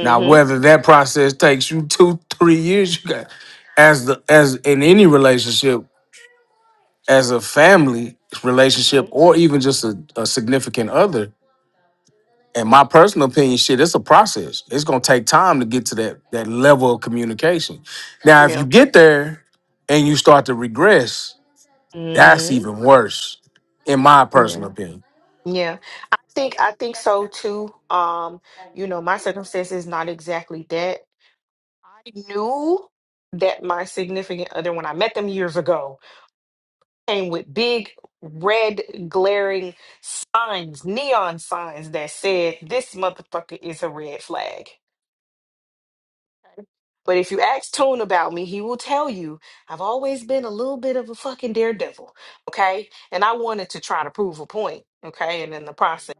S1: Now, whether that process takes you two, three years, you got as the as in any relationship, as a family relationship,
S3: Mm-hmm.
S1: or even just a, a significant other. In my personal opinion, shit, it's a process. It's gonna take time to get to that that level of communication. Now, if you
S3: Yeah.
S1: get there and you start to regress, that's
S3: Mm-hmm.
S1: even worse, in my personal
S3: Yeah.
S1: opinion.
S3: Yeah. I think I think so too. Um, you know, my circumstance is not exactly that. I knew that my significant other, when I met them years ago, came with big red glaring signs, neon signs that said, This motherfucker is a red flag. Okay. But if you ask Tune about me, he will tell you I've always been a little bit of a fucking daredevil. Okay. And I wanted to try to prove a point. Okay. And in the process,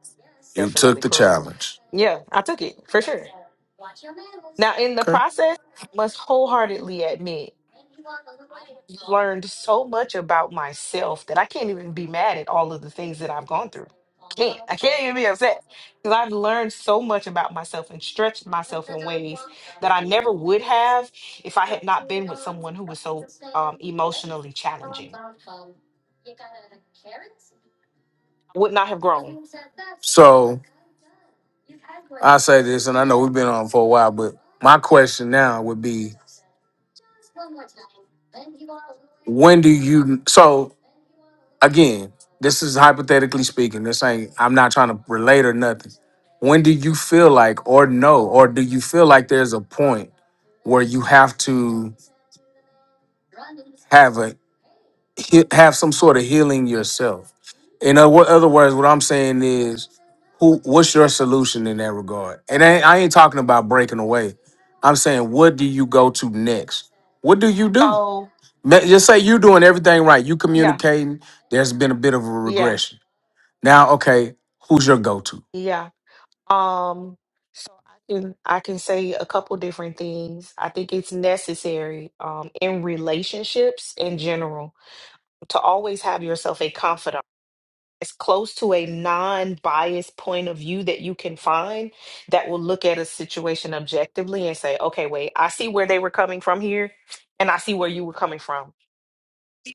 S1: You took
S3: definitely
S1: the
S3: prove.
S1: challenge.
S3: Yeah, I took it for sure. Now, in the
S1: Okay.
S3: process, I must wholeheartedly admit. learned so much about myself that I can't even be mad at all of the things that I've gone through. Can't. I can't even be upset because I've learned so much about myself and stretched myself in ways that I never would have if I had not been with someone who was so um, emotionally challenging. I would not have grown.
S1: So I say this, and I know we've been on for a while, but my question now would be when do you so again, this is hypothetically speaking. This ain't I'm not trying to relate or nothing. When do you feel like or know, or do you feel like there's a point where you have to have an he- have some sort of healing yourself. In other what? other words, what I'm saying is, who? What's your solution in that regard? And I, I ain't talking about breaking away. I'm saying, what do you go to next? What do you do?
S3: So
S1: Ma- Just say you're doing everything right. You
S3: yeah,
S1: communicating. There's been a bit of a
S3: yeah,
S1: regression. Now, okay, who's your go-to?
S3: yeah. Um, so I can I can say a couple different things. I think it's necessary um, in relationships in general to always have yourself a confidant as close to a non-biased point of view that you can find that will look at a situation objectively and say okay wait i see where they were coming from here and i see where you were coming from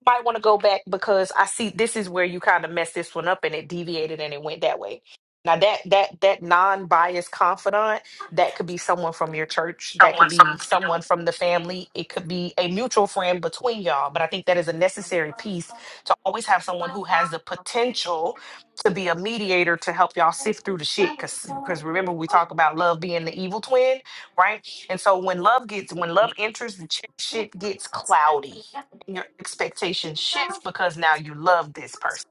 S3: you might want to go back because I see this is where you kind of messed this one up and it deviated and it went that way. Now that that that non-biased confidant, that could be someone from your church, that could be someone from the family, it could be a mutual friend between y'all. But I think that is a necessary piece to always have someone who has the potential to be a mediator to help y'all sift through the shit. Cause because remember we talk about love being the evil twin, right? And so when love gets when love enters, the ch- shit gets cloudy your expectations shift because now you love this person.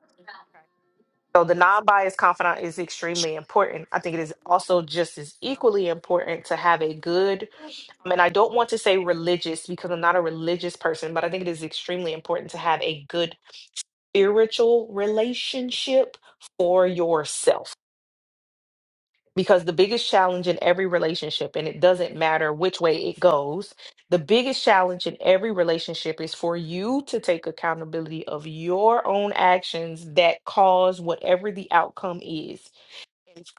S3: So the non-biased confidant is extremely important. I think it is also just as equally important to have a good, I mean, I don't want to say religious because I'm not a religious person, but I think it is extremely important to have a good spiritual relationship for yourself because the biggest challenge in every relationship and it doesn't matter which way it goes the biggest challenge in every relationship is for you to take accountability of your own actions that cause whatever the outcome is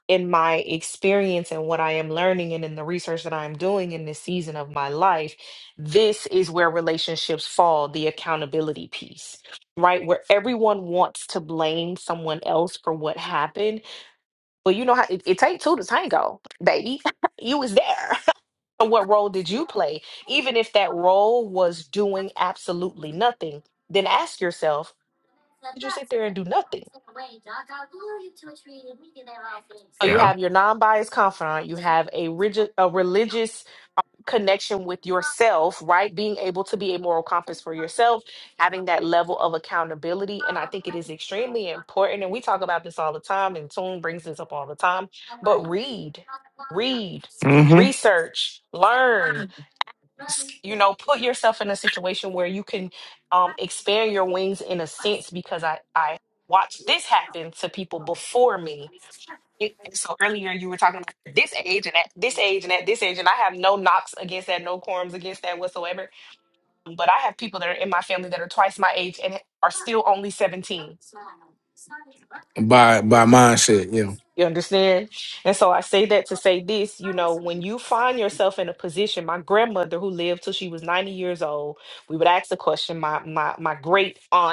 S3: in my experience and what i am learning and in the research that i'm doing in this season of my life this is where relationships fall the accountability piece right where everyone wants to blame someone else for what happened well, you know how it, it takes two to tango, baby. you was there. what role did you play? Even if that role was doing absolutely nothing, then ask yourself, did you sit there and do nothing? So you have your non-biased confidant, you have a rigid, a religious connection with yourself, right? Being able to be a moral compass for yourself, having that level of accountability. And I think it is extremely important. And we talk about this all the time, and Tune brings this up all the time. But read, read, research, learn, s- you know, put yourself in a situation where you can um, expand your wings in a sense because I, I, watched this happen to people before me so earlier you were talking about this age and at this age and at this age, and I have no knocks against that, no quorums against that whatsoever. But I have people that are in my family that are twice my age and are still only 17.
S1: By by mindset, yeah.
S3: You understand? And so I say that to say this, you know, when you find yourself in a position, my grandmother who lived till she was 90 years old, we would ask the question, my my my great aunt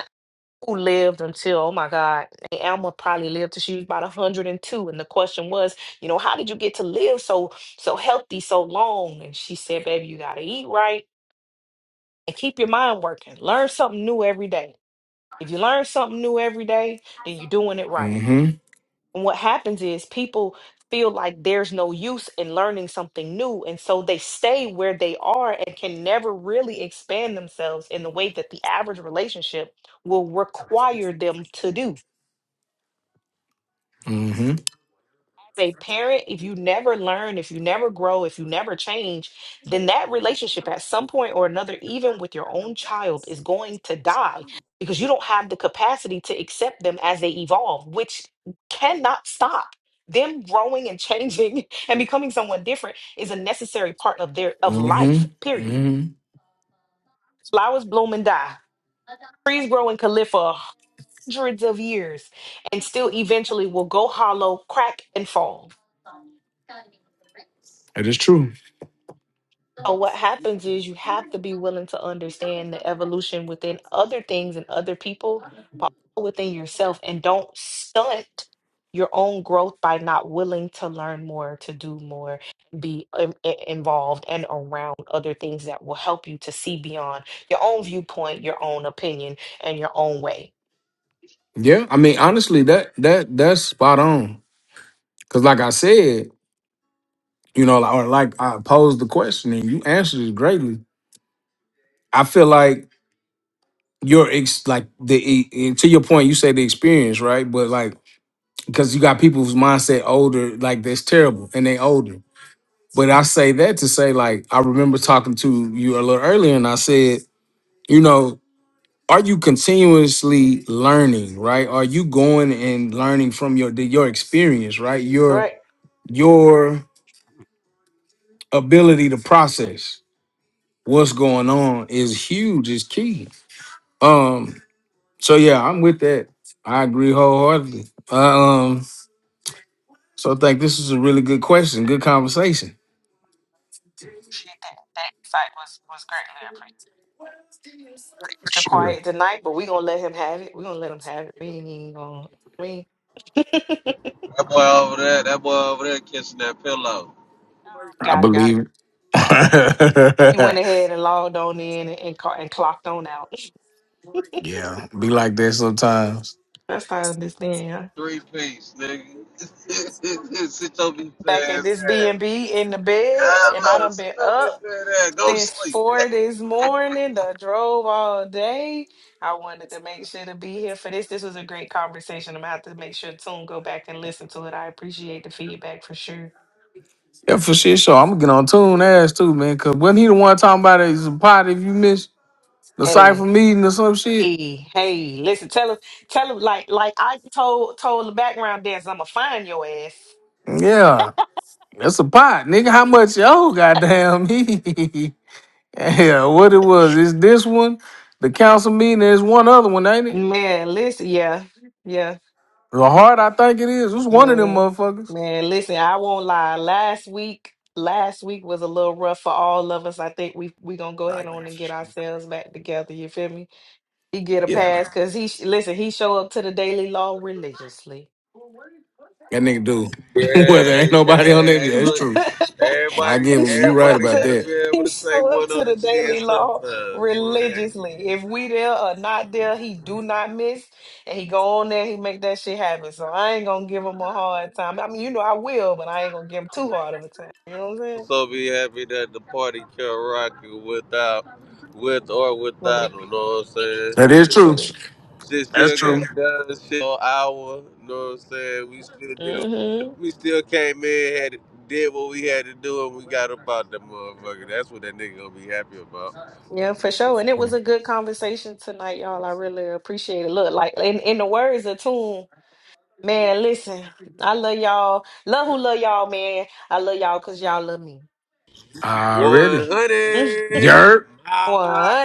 S3: who lived until oh my god Aunt alma probably lived till she was about 102 and the question was you know how did you get to live so so healthy so long and she said baby you gotta eat right and keep your mind working learn something new every day if you learn something new every day then you're doing it right
S1: Mm-hmm.
S3: and what happens is people feel like there's no use in learning something new and so they stay where they are and can never really expand themselves in the way that the average relationship will require them to do
S1: Mm-hmm.
S3: a parent, if you never learn, if you never grow, if you never change, then that relationship at some point or another, even with your own child, is going to die because you don't have the capacity to accept them as they evolve, which cannot stop. Them growing and changing and becoming someone different is a necessary part of their of life,
S1: Mm-hmm.
S3: period.
S1: Mm-hmm.
S3: Flowers bloom and die. Trees grow and can live for hundreds of years and still eventually will go hollow, crack, and fall
S1: That is true.
S3: So what happens is you have to be willing to understand the evolution within other things and other people, but also within yourself, and don't stunt your own growth by not willing to learn more, to do more, be in- in- involved and around other things that will help you to see beyond your own viewpoint, your own opinion, and your own way.
S1: Yeah. I mean, honestly, that that that's spot on Because, like I said, you know, or like I posed the question and you answered it greatly. I feel like your ex, like the e- e- to your point, you say the experience, right? But like, because you got people whose mindset older, like that's terrible, and they older. But I say that to say, like, I remember talking to you a little earlier, and I said, you know, are you continuously learning, right? Are you going and learning from your your experience, right? Your
S3: Right.
S1: your ability to process what's going on is huge, is key. Um, so yeah, I'm with that. I agree wholeheartedly. Uh, um, so I think this is a really good question, good conversation.
S3: Appreciate That That insight was was greatly appreciated. extra
S1: Sure.
S3: quiet tonight, but we gonna let him have it. We gonna let him have it. We ain't even gonna. We got
S2: That boy over there, that boy over there kissing that pillow.
S1: I
S3: it, got it.
S1: believe it.
S3: He went ahead and logged on in and and, ca- and clocked on out.
S1: yeah. Be like that sometimes.
S3: That's how I understand. Huh?
S2: Three piece, nigga. Sit your bitch
S3: Back at
S2: ass
S3: this B
S2: down.
S3: and B in the bed,
S2: Yeah,
S3: and I
S2: look,
S3: done
S2: sit
S3: been
S2: your
S3: up
S2: bitch ass down. Go to
S3: since
S2: sleep.
S3: four this morning. I drove all day. I wanted to make sure to be here for this. This was a great conversation. I'm gonna have to make sure Tune go back and listen to it. I appreciate the feedback for sure.
S1: Yeah, for sure. So I'm gonna get on tune ass too, man. Cause wasn't he the one talking about it? It's a pot if you miss the cipher
S3: Hey.
S1: meeting or some shit.
S3: Hey, hey, listen, tell him, tell him, like, like I told, told the background dancer, I'm gonna find your ass.
S1: Yeah, that's a pot, nigga. How much? Oh, goddamn. Yeah, what it was is this one, the council meeting. There's one other one, ain't it?
S3: Man, listen, yeah, yeah,
S1: The heart, I think it is. It's one of them
S3: man,
S1: motherfuckers.
S3: man, listen, I won't lie. Last week, last week was a little rough for all of us. I think we we gonna go
S1: Nah,
S3: ahead
S1: man.
S3: on and get ourselves back together. You feel me? He get a
S1: Yeah, nah.
S3: pass because he sh- listen. He show up to the daily law religiously.
S1: that nigga do. well, there
S2: Yeah,
S1: ain't nobody on
S2: yeah.
S1: there.
S2: Hey,
S1: Yeah, it's
S2: look.
S1: true. I
S2: Everybody,
S1: give
S3: He
S1: him.
S3: show
S1: You right
S3: up
S2: everybody
S1: about
S2: got
S3: to
S2: to be
S1: that.
S2: able
S3: he
S2: to take
S3: show up
S2: one
S3: to
S2: on the
S3: the
S2: chin
S3: daily law
S2: sometimes. So, eh,
S3: religiously. If we there or not there, he do not miss, and he go on there. He make that shit happen. So I ain't gonna give him a hard time. I mean, you know I will, but I ain't gonna give him too hard of a time. You know what I'm saying?
S2: so be happy that the party can rock it without, with or without.
S3: Really,
S2: You know what
S1: That
S2: I'm
S1: is
S2: saying?
S1: true.
S3: truly,
S2: Just
S1: That's
S2: still
S3: truly.
S1: true.
S2: got done shit on hour. You know what I'm saying? We still did
S3: hmm
S2: we still came in, had did what we had to do and we got up out that motherfucker. That's what that nigga gonna be happy about.
S3: Yeah, for sure. And it was a good conversation tonight, y'all. I really appreciate it. Look, like in, in the words of Tune, man, listen, I love y'all. Love who love y'all, man. I love y'all because y'all love me.
S1: Already.
S2: One hundred
S1: Yerp.
S3: What.